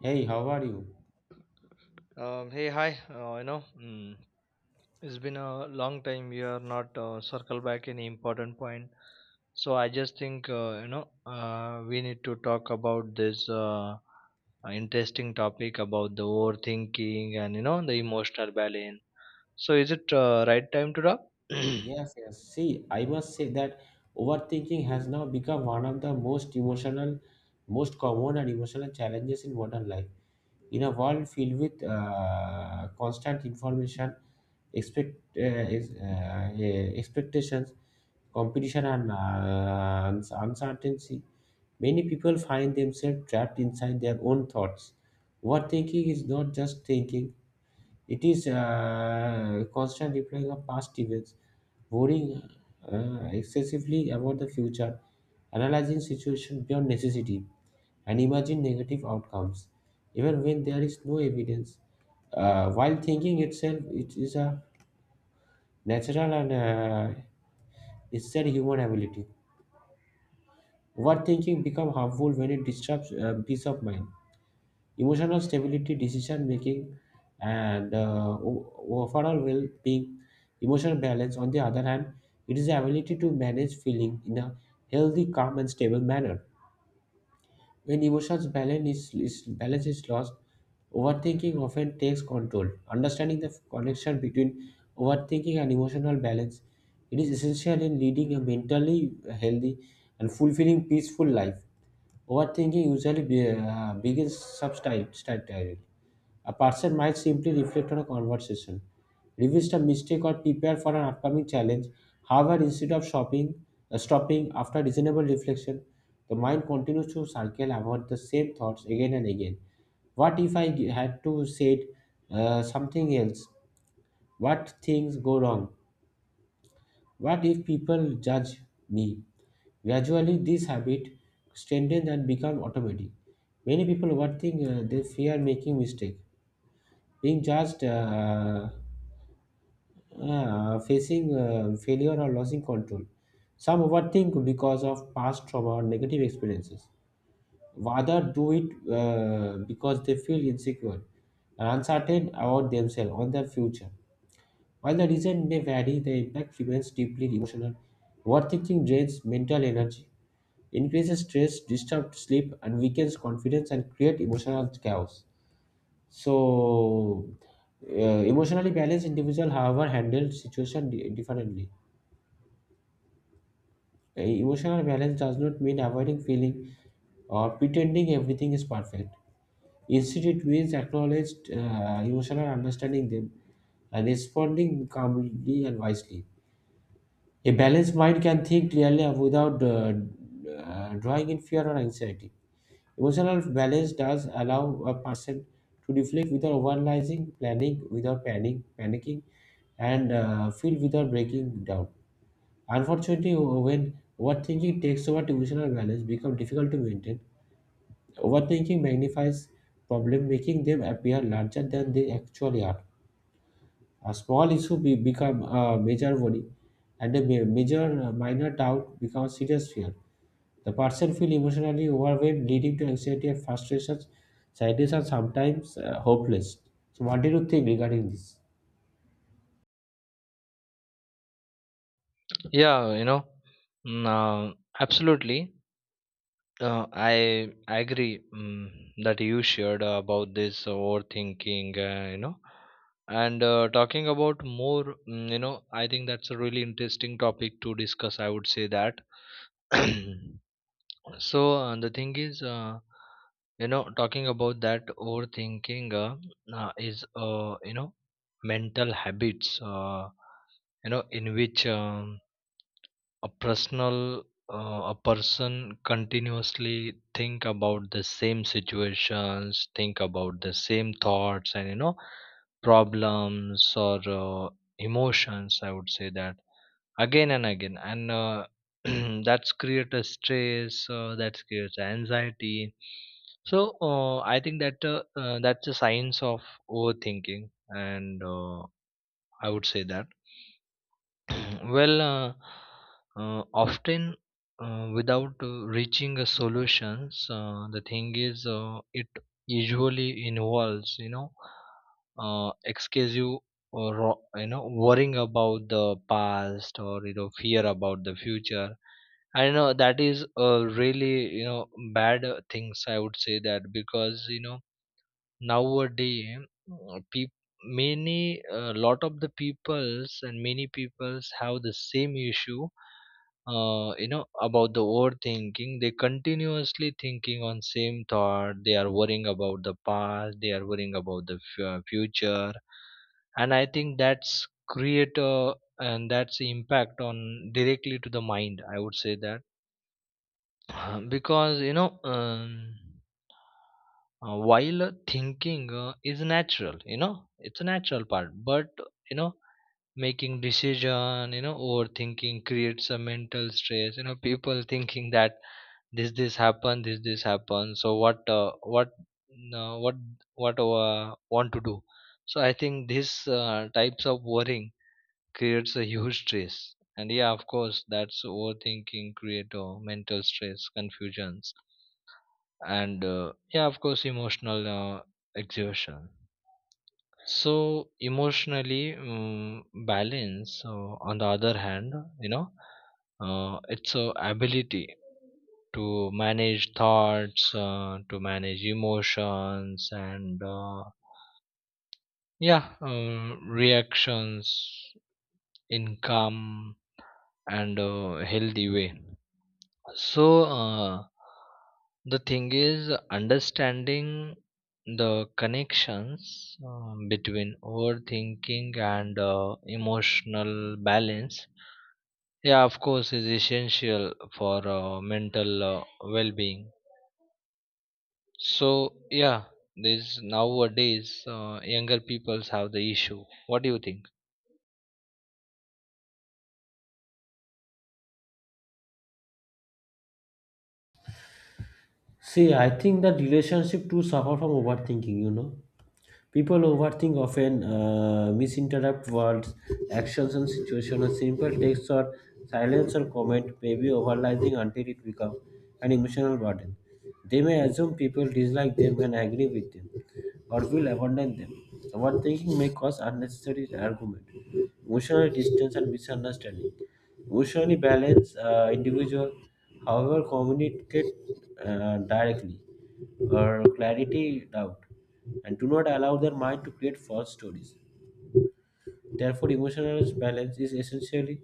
Hey, how are you? Hey, hi. It's been a long time we are not circle back any important point. So I just think we need to talk about this interesting topic about the overthinking and you know the emotional balance. So is it right time to talk? Yes, yes. See, I must say that overthinking has now become one of the most emotional, most common and emotional challenges in modern life. In a world filled with constant information, expectations, competition, and uncertainty, many people find themselves trapped inside their own thoughts. Overthinking is not just thinking; it is constant replaying of past events, worrying excessively about the future, analyzing situations beyond necessity, and imagine negative outcomes, even when there is no evidence. While thinking itself, it is a natural and necessary human ability. Overthinking becomes harmful when it disrupts peace of mind, emotional stability, decision making, and overall well being. Emotional balance, on the other hand, it is the ability to manage feeling in a healthy, calm, and stable manner. When emotions balance is balance is lost, overthinking often takes control. Understanding the connection between overthinking and emotional balance, it is essential in leading a mentally healthy and fulfilling, peaceful life. Overthinking usually begins substantially. A person might simply reflect on a conversation, revisit a mistake, or prepare for an upcoming challenge. However, instead of stopping after reasonable reflection, the mind continues to circle about the same thoughts again and again. What if I had to say something else? What things go wrong? What if people judge me? Gradually, this habit strengthens and becomes automatic. Many people, one thing they fear making mistake, being judged. Yeah, facing failure or losing control. Some overthink because of past trauma or negative experiences. Rather do it because they feel insecure and uncertain about themselves or their future. While the reason may vary, the impact remains deeply emotional. Overthinking drains mental energy, increases stress, disturbs sleep, and weakens confidence and create emotional chaos. So, emotionally balanced individual, however, handle differently. Emotional balance does not mean avoiding feeling or pretending everything is perfect. Instead, it means acknowledged emotional understanding them and responding calmly and wisely. A balanced mind can think clearly without drawing in fear or anxiety. Emotional balance does allow a person to reflect without overanalyzing, planning without panicking, and feel without breaking down. Unfortunately, when overthinking takes over, emotional balance becomes difficult to maintain. Overthinking magnifies problems, making them appear larger than they actually are. A small become a major worry, and a ma- major minor doubt becomes serious fear. The person feels emotionally overwhelmed, leading to anxiety and frustrations, sadness, and sometimes hopeless. So, what do you think regarding this? Yeah, mm, uh, absolutely. I agree that you shared about this overthinking, and talking about more, you know, I think that's a really interesting topic to discuss. I would say that. So the thing is, you know, talking about that overthinking is, you know, mental habits, you know, in which. A personal a person continuously think about the same situations think about the same thoughts and you know problems or emotions I would say that again and again and that's create a stress that creates anxiety so I think that that's a science of overthinking and I would say that well, often without reaching a solutions, the thing is, it usually involves, you know, excessive or you know worrying about the past or you know fear about the future. I know that is a really you know bad things. I would say that because you know nowadays peop many a lot of the peoples and many peoples have the same issue you know about the overthinking they continuously thinking on same thought they are worrying about the past they are worrying about the future and I think that's create a and that's impact on directly to the mind I would say that. Because you know while thinking is natural you know it's a natural part but you know making decision you know overthinking creates a mental stress you know people thinking that this happened this happened so what uh, what want to do so I think this types of worrying creates a huge stress and yeah of course that's overthinking create mental stress confusions and yeah of course emotional uh, exhaustion so emotionally balance on the other hand you know it's a ability to manage thoughts to manage emotions and yeah reactions in calm and healthy way. So, the thing is understanding the connections between overthinking and emotional balance. Yeah, of course, is essential for mental well-being. So, yeah, this nowadays younger peoples have the issue. What do you think? See, I think that relationship too suffer from overthinking, you know. People overthink often, misinterpret words, actions, and situations. A simple text or silence or comment may be overlapping until it becomes an emotional burden. They may assume people dislike them and agree with them, or will abandon them. Overthinking may cause unnecessary argument, emotional distance, and misunderstanding. Emotionally balanced individual, however, communicate directly or clarity doubt and do not allow their mind to create false stories. Therefore, emotional balance is essentially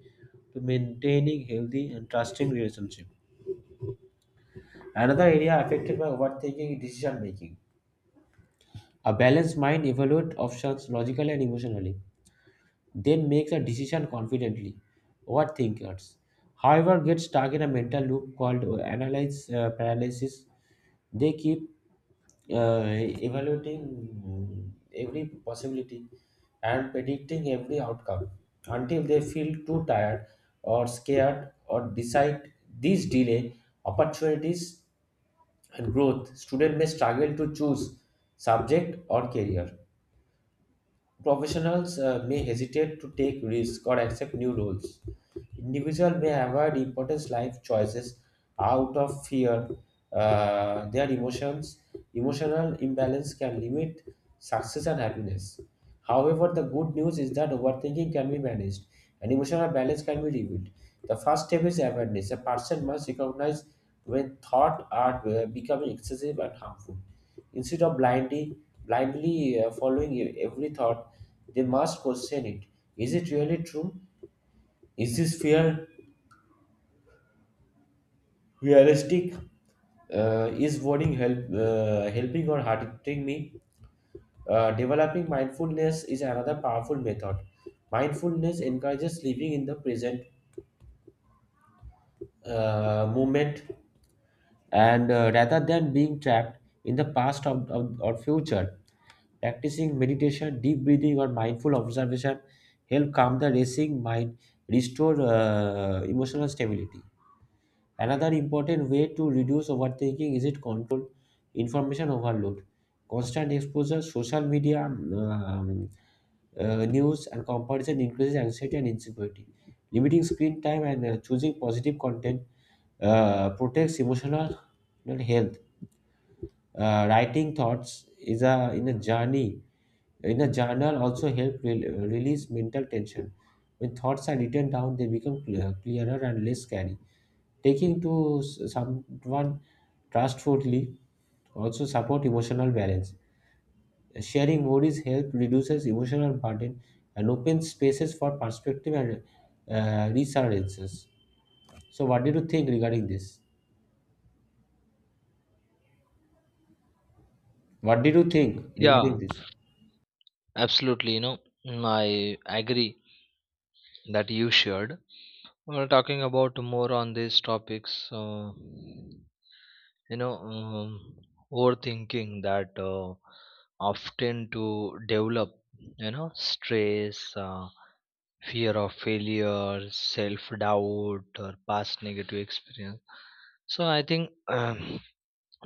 to maintaining healthy and trusting relationship. Another area affected by overthinking is decision making. A balanced mind evaluates options logically and emotionally, then makes a decision confidently. Overthinkers, however, get stuck in a mental loop called analysis paralysis. They keep uh, evaluating every possibility and predicting every outcome until they feel too tired or scared or decide. These delay opportunities and growth. Student may struggle to choose subject or career. Professionals may hesitate to take risk or accept new roles. Individual may avoid important life choices out of fear. Uh, their emotions, Emotional imbalance can limit success and happiness. However, the good news is that overthinking can be managed and emotional balance can be rebuilt. The first step is awareness. A person must recognize when thoughts are becoming excessive and harmful. Instead of blindly following every thought, they must question it. Is it really true? Is this fear realistic? Is wording helping or hurting me? Developing mindfulness is another powerful method. Mindfulness encourages living in the present moment and rather than being trapped in the past or future. Practicing meditation, deep breathing, or mindful observation help calm the racing mind, restore emotional stability. Another important way to reduce overthinking is it control information overload. Constant exposure, social media, news, and comparison increases anxiety and insecurity. Limiting screen time and choosing positive content protects emotional health. Writing thoughts is a in a journey in a journal also help release mental tension. When thoughts are written down, they become clearer and less scary. Taking to someone trustfully also support emotional balance. Sharing worries help reduces emotional burden and opens spaces for perspective and resurgences. So, what did you think regarding this? What did you think regarding Yeah, this? absolutely. You know, I agree that you shared. We're talking about more on these topics. You know, um, overthinking that often to develop. You know, stress, fear of failure, self doubt, or past negative experience. So I think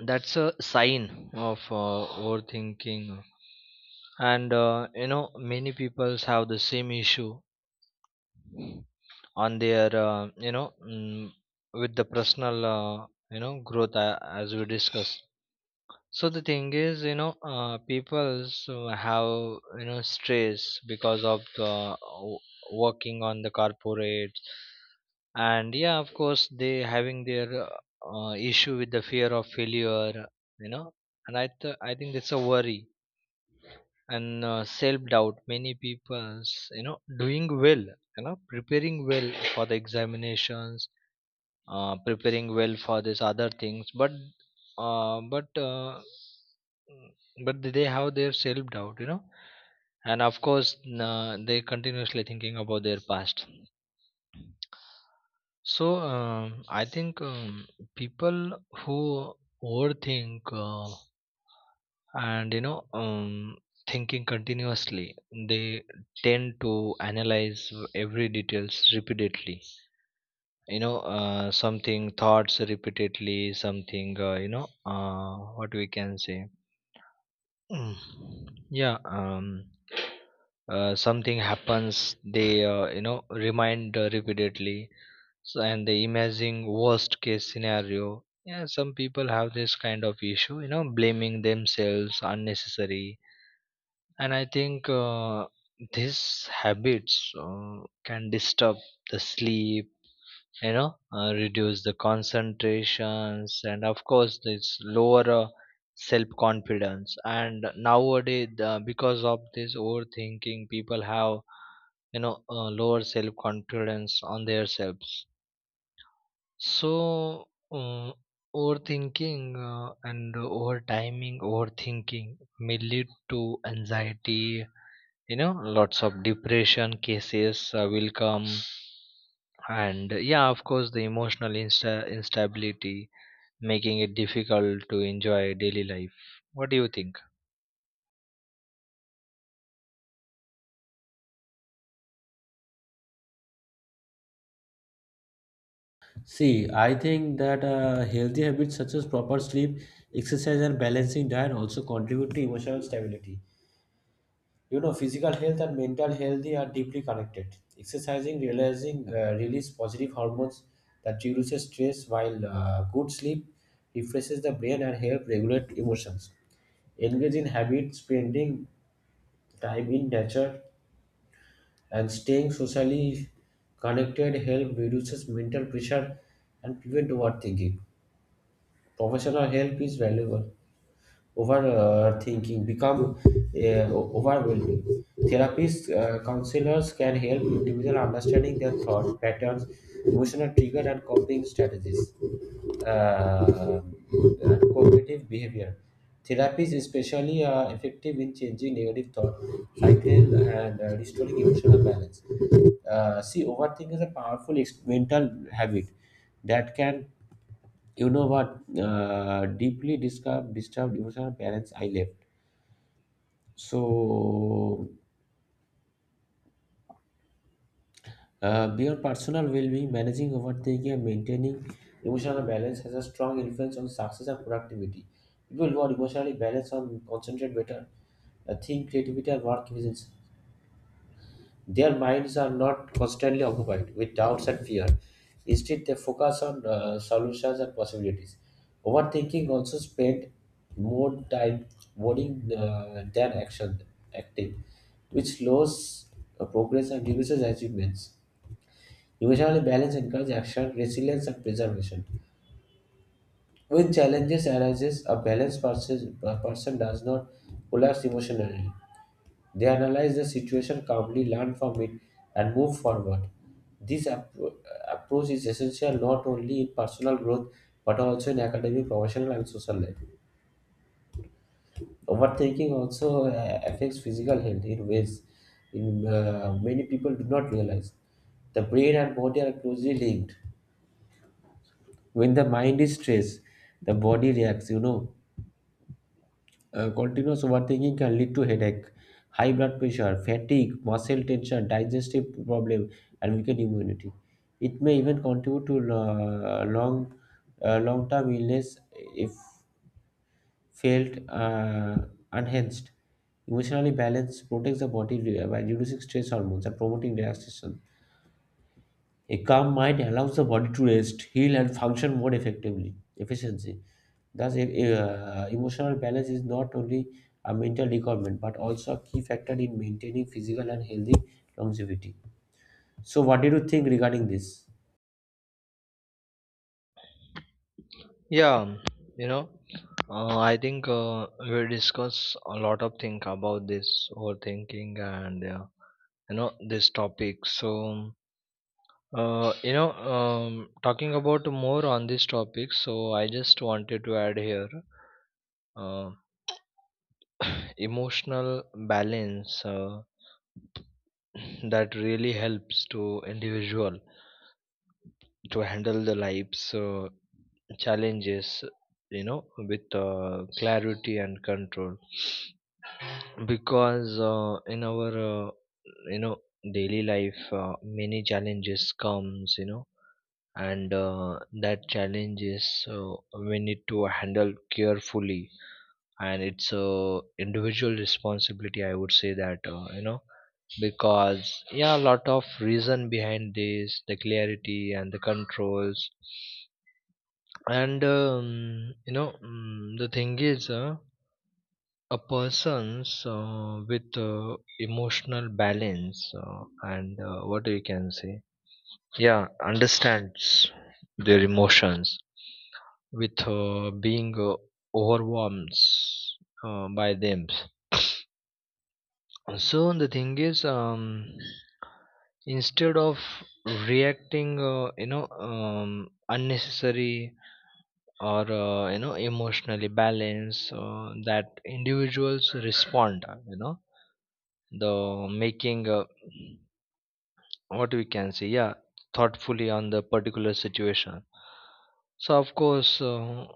that's a sign of overthinking, and you know, many people have the same issue on their with the personal you know growth as we discussed so the thing is you know people so have you know stress because of w- working on the corporate and yeah of course they having their issue with the fear of failure you know and I think it's a worry and self doubt many people's you know doing well you know preparing well for the examinations preparing well for these other things but uh, but uh, mm, but they have their self doubt you know and of course they continuously thinking about their past so I think people who overthink and you know thinking continuously they tend to analyze every details repeatedly you know something thoughts repeatedly something what we can say. Mm. yeah um something happens they you know remind repeatedly so and they imagine worst case scenario yeah some people have this kind of issue you know blaming themselves unnecessary and I think these habits can disturb the sleep you know reduce the concentrations and of course this lower self confidence and nowadays because of this overthinking people have you know lower self confidence on their selves so uh, overthinking and over timing overthinking may lead to anxiety you know lots of depression cases will come and yeah of course the emotional instability making it difficult to enjoy daily life. What do you think? See, I think that healthy habits such as proper sleep, exercise, and balancing diet also contribute to emotional stability. You know, physical health and mental health are deeply connected. Exercising, realizing, release positive hormones that reduces stress, while good sleep refreshes the brain and help regulate emotions. Engage in habits, spending time in nature, and staying socially connected help reduces mental pressure and prevent overthinking. Professional help is valuable overthinking become overwhelming. Therapists, counselors can help individuals understanding their thought patterns, emotional trigger, and coping strategies. Uh, Cognitive behavior therapies especially are effective in changing negative thought cycle and restoring emotional balance. See, overthinking is a powerful mental habit that can, you know what, deeply disturbed emotional parents I left. So beyond personal well-being, managing overthinking and maintaining emotional balance has a strong influence on success and productivity. People who are emotionally balanced and concentrate better, think creativity and work efficiency. Their minds are not constantly occupied with doubts and fear. Instead, they focus on solutions and possibilities. Overthinking also spend more time worrying than action acting, which slows progress and reduces achievements. Emotional balance encourages action, resilience, and preservation. When challenges arises, a person does not collapse emotionally. They analyze the situation calmly, learn from it, and move forward. This approach is essential not only in personal growth but also in academic, professional, and social life. Overthinking also affects physical health in ways in many people do not realize. The brain and body are closely linked. When the mind is stressed, the body reacts. You know, continuous overthinking can lead to headache, high blood pressure, fatigue, muscle tension, digestive problem, and weakened immunity. It may even contribute to long-term illness if felt unhinged. Emotionally balanced protects the body by reducing stress hormones and promoting relaxation. A calm mind allows the body to rest, heal, and function more effectively, efficiency. Thus, emotional balance is not only a mental requirement but also a key factor in maintaining physical and healthy longevity. So, what do you think regarding this? yeah um, you know I think we discuss a lot of thing about this overthinking and you know this topic so uh, you know talking about more on this topic so I just wanted to add here uh, emotional balance that really helps to individual to handle the life's challenges you know with clarity and control because in our uh, you know daily life many challenges comes you know and that challenges we need to handle carefully and it's a individual responsibility I would say that you know because yeah a lot of reason behind this the clarity and the controls and the thing is a person's with emotional balance and what we can say yeah understands their emotions with being overwhelmed by them. So the thing is, instead of reacting, unnecessary or you know emotionally balanced, that individuals respond. You know, the making what we can say, yeah, thoughtfully on the particular situation. So of course,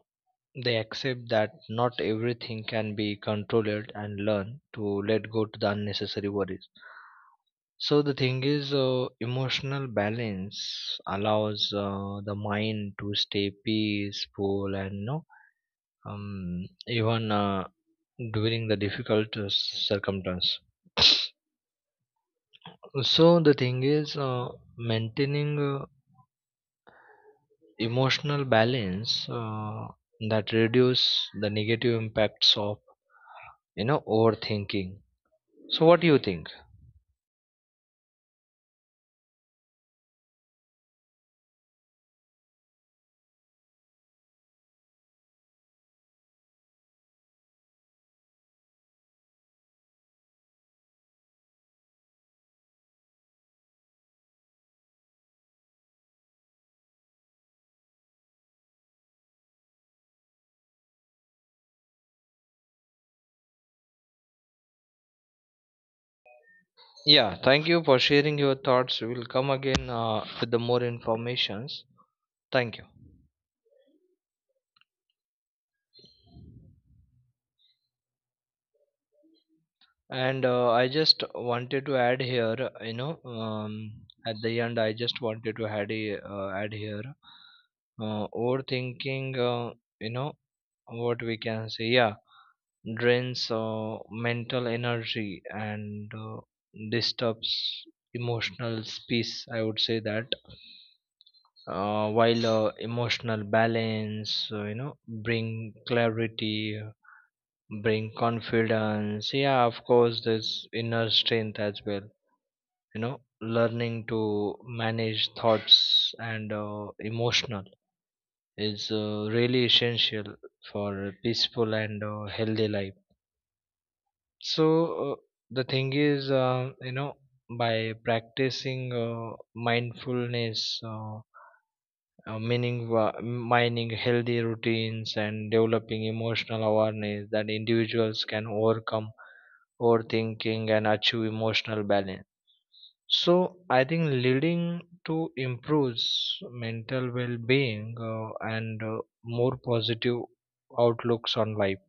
they accept that not everything can be controlled and learn to let go to the unnecessary worries so the thing is, emotional balance allows the mind to stay peaceful and no, even during the difficult circumstance. So the thing is, maintaining emotional balance that reduce the negative impacts of you know overthinking. So what do you think? Yeah, thank you for sharing your thoughts. We'll come again with the more informations. Thank you. And I just wanted to add here, at the end, I just wanted to add, add here, overthinking, you know, what we can say, yeah, drains mental energy and disturbs emotional peace. I would say that, while emotional balance, you know, bring clarity, bring confidence. Yeah, of course, there's inner strength as well you know learning to manage thoughts and emotional is really essential for a peaceful and healthy life so uh, the thing is you know by practicing mindfulness mining healthy routines and developing emotional awareness that individuals can overcome overthinking and achieve emotional balance. So I think leading to improves mental well-being and more positive outlooks on life.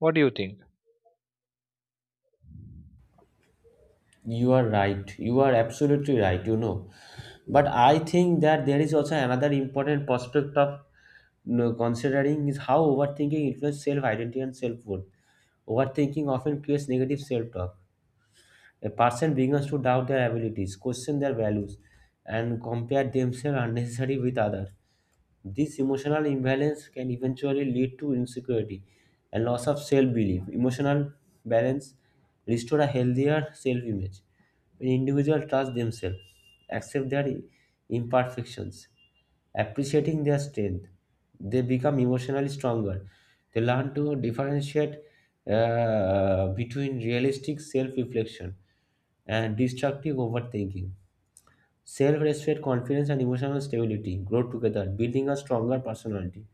What do you think? You are right. You are absolutely right. You know, but I think that there is also another important prospect of, you know, considering is how overthinking influences self-identity and self-worth. Overthinking often creates negative self-talk. A person begins to doubt their abilities, question their values, and compare themselves unnecessarily with others. This emotional imbalance can eventually lead to insecurity and loss of self belief. Emotional balance restores a healthier self image. When individuals trust themselves, accept their imperfections, appreciating their strength, they become emotionally stronger. They learn to differentiate between realistic self reflection and destructive overthinking. Self respect, confidence, and emotional stability grow together, building a stronger personality.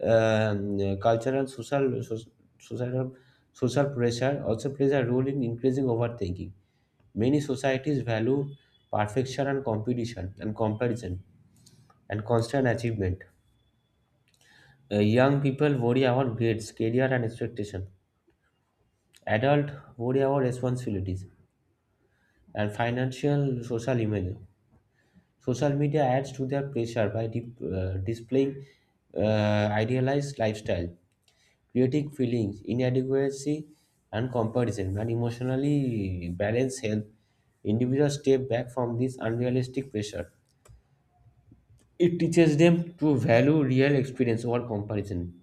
Cultural, societal, social pressure also plays a role in increasing overthinking. Many societies value perfection and competition and comparison and constant achievement. Young people worry about grades, career, and expectation. Adult worry about responsibilities and financial social image. Social media adds to their pressure by displaying idealized lifestyle, creating feelings inadequacy and comparison, and emotionally balanced health. Individuals step back from this unrealistic pressure. It teaches them to value real experience over comparison,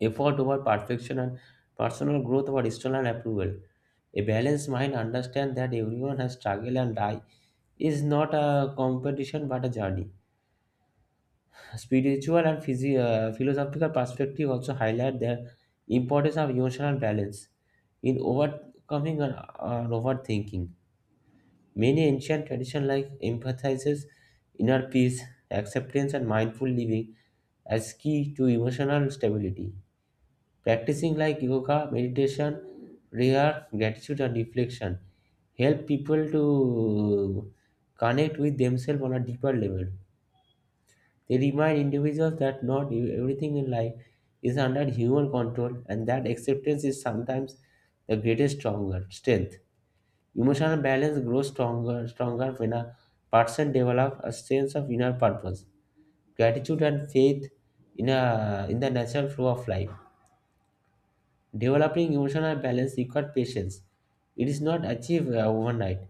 effort over perfection, and personal growth over external approval. A balanced mind understands that everyone has struggled and die is not a competition but a journey. Spiritual and philosophical perspective also highlight the importance of emotional balance in overcoming an overthinking. Many ancient traditions like emphasizes inner peace, acceptance, and mindful living as key to emotional stability. Practicing like yoga, meditation, prayer, gratitude, and reflection help people to connect with themselves on a deeper level. They remind individuals that not everything in life is under human control and that acceptance is sometimes the greatest stronger strength. Emotional balance grows stronger when a person develops a sense of inner purpose, gratitude and faith in the natural flow of life. Developing emotional balance requires patience. It is not achieved overnight.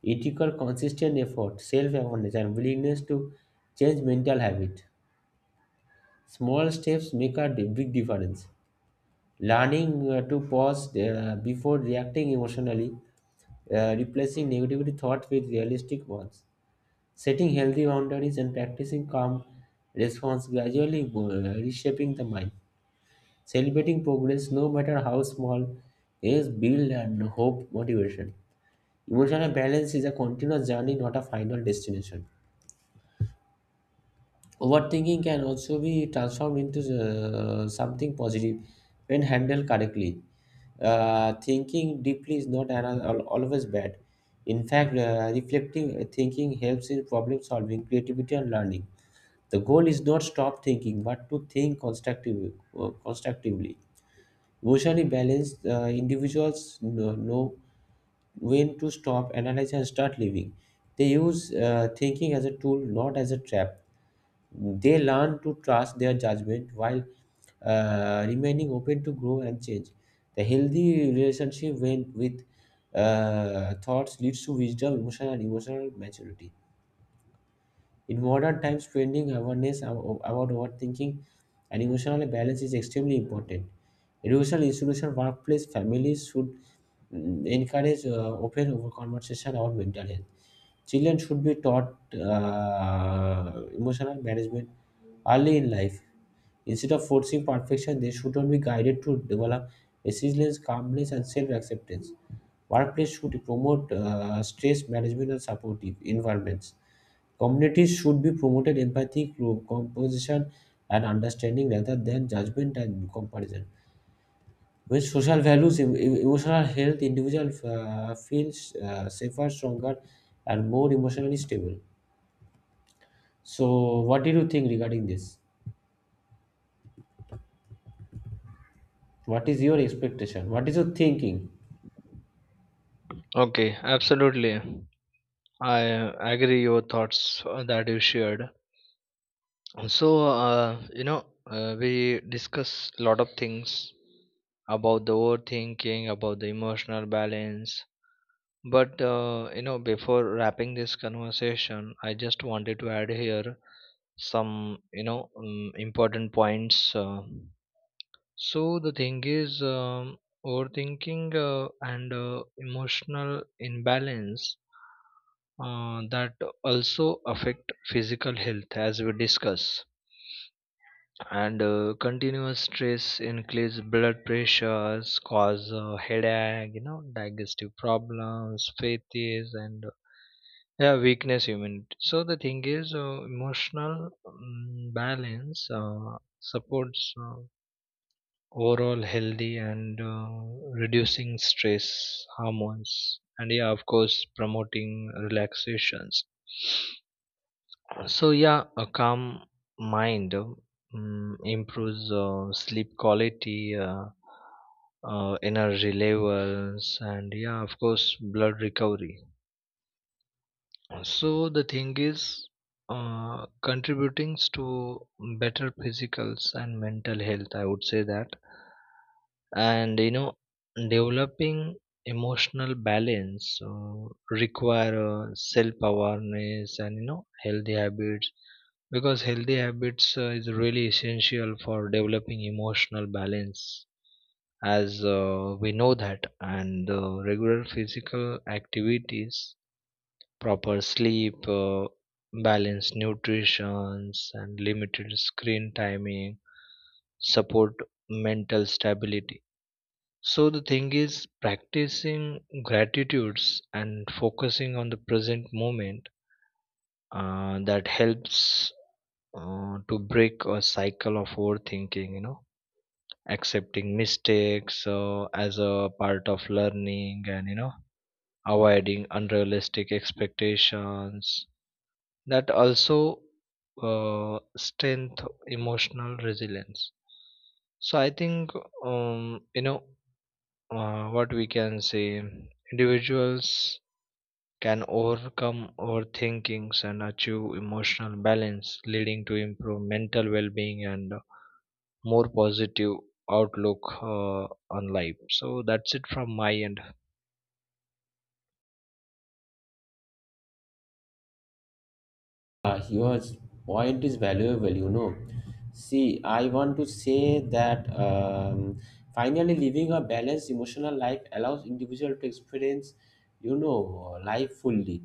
It requires consistent effort, self-awareness, and willingness to change mental habit. Small steps make a big difference. Learning to pause before reacting emotionally, replacing negativity thoughts with realistic ones, setting healthy boundaries, and practicing calm response gradually reshaping the mind. Celebrating progress, no matter how small, is build and hope motivation. Emotional balance is a continuous journey, not a final destination. Overthinking can also be transformed into something positive when handled correctly. Thinking deeply is not always bad. In fact, reflecting thinking helps in problem solving, creativity, and learning. The goal is not stop thinking, but to think constructively. Emotionally balanced individuals know when to stop, analyze, and start living. They use thinking as a tool, not as a trap. They learn to trust their judgment while remaining open to grow and change. The healthy relationship with thoughts leads to wisdom, emotion, and emotional maturity. In modern times, training awareness about overthinking and emotional balance is extremely important. Educational institution, workplace, families should encourage open over conversation about mental health. Children should be taught emotional management early in life. Instead of forcing perfection, they should be guided to develop resilience, calmness, and self acceptance. Workplace should promote stress management and supportive environments. Communities should be promoted empathy, composition, and understanding rather than judgment and comparison. When social values, emotional health, individual feels safer, stronger, and more emotionally stable. So, what do you think regarding this? What is your expectation? What is your thinking? Okay, absolutely. I agree your thoughts that you shared. So we discuss a lot of things about the overthinking, about the emotional balance, but you know, before wrapping this conversation, I just wanted to add here some important points. So the thing is, overthinking and emotional imbalance that also affect physical health, as we discuss and continuous stress increase blood pressures cause headache you know digestive problems fatigue and yeah weakness immunity so the thing is emotional balance supports overall healthy and reducing stress hormones and yeah of course promoting relaxations so yeah, a calm mind improves sleep quality, energy levels, and yeah, of course, blood recovery. So the thing is, contributing to better physicals and mental health. I would say that, and you know, developing emotional balance require self awareness and you know healthy habits because healthy habits is really essential for developing emotional balance as we know that and regular physical activities proper sleep balanced nutrition and limited screen timing support mental stability so the thing is practicing gratitudes and focusing on the present moment that helps to break a cycle of overthinking you know accepting mistakes as a part of learning and you know avoiding unrealistic expectations that also strength emotional resilience so I think um, you know what we can say individuals can overcome overthinkings and achieve emotional balance leading to improved mental well-being and more positive outlook on life so that's it from my end. Your point is valuable, you know. See, I want to say that finally living a balanced emotional life allows individual to experience, you know, life fully.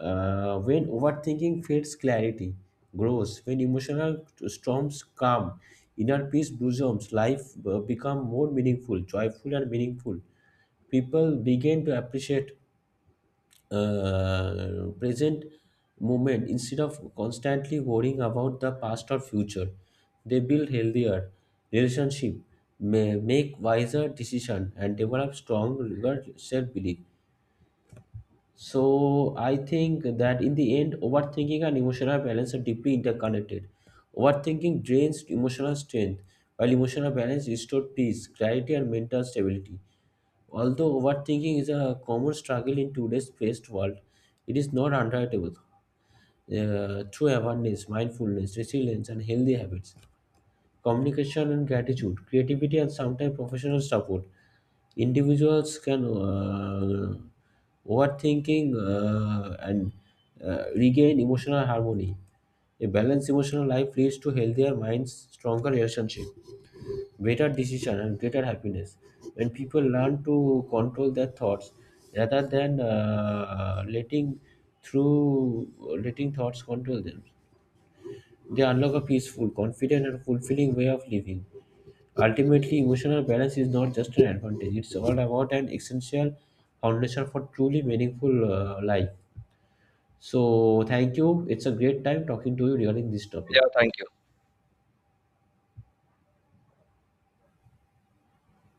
When overthinking fades, clarity grows. When emotional storms calm, inner peace blossoms. Life become more meaningful, joyful, and meaningful. People begin to appreciate present moment instead of constantly worrying about the past or future. They build healthier relationship, may make wiser decision, and develop strong self belief. So I think that in the end, overthinking and emotional balance are deeply interconnected. Overthinking drains emotional strength, while emotional balance restores peace, clarity, and mental stability. Although overthinking is a common struggle in today's fast world, it is not untraceable. Through awareness, mindfulness, resilience, and healthy habits, communication and gratitude, creativity, and sometimes professional support, individuals can overthinking and regain emotional harmony. A balanced emotional life leads to healthier minds, stronger relationship, better decision, and greater happiness. When people learn to control their thoughts rather than through letting thoughts control them, they unlock a peaceful, confident and fulfilling way of living. Ultimately, emotional balance is not just an advantage, it's all about an essential foundation for truly meaningful life. So thank you, it's a great time talking to you regarding this topic. Yeah, thank you.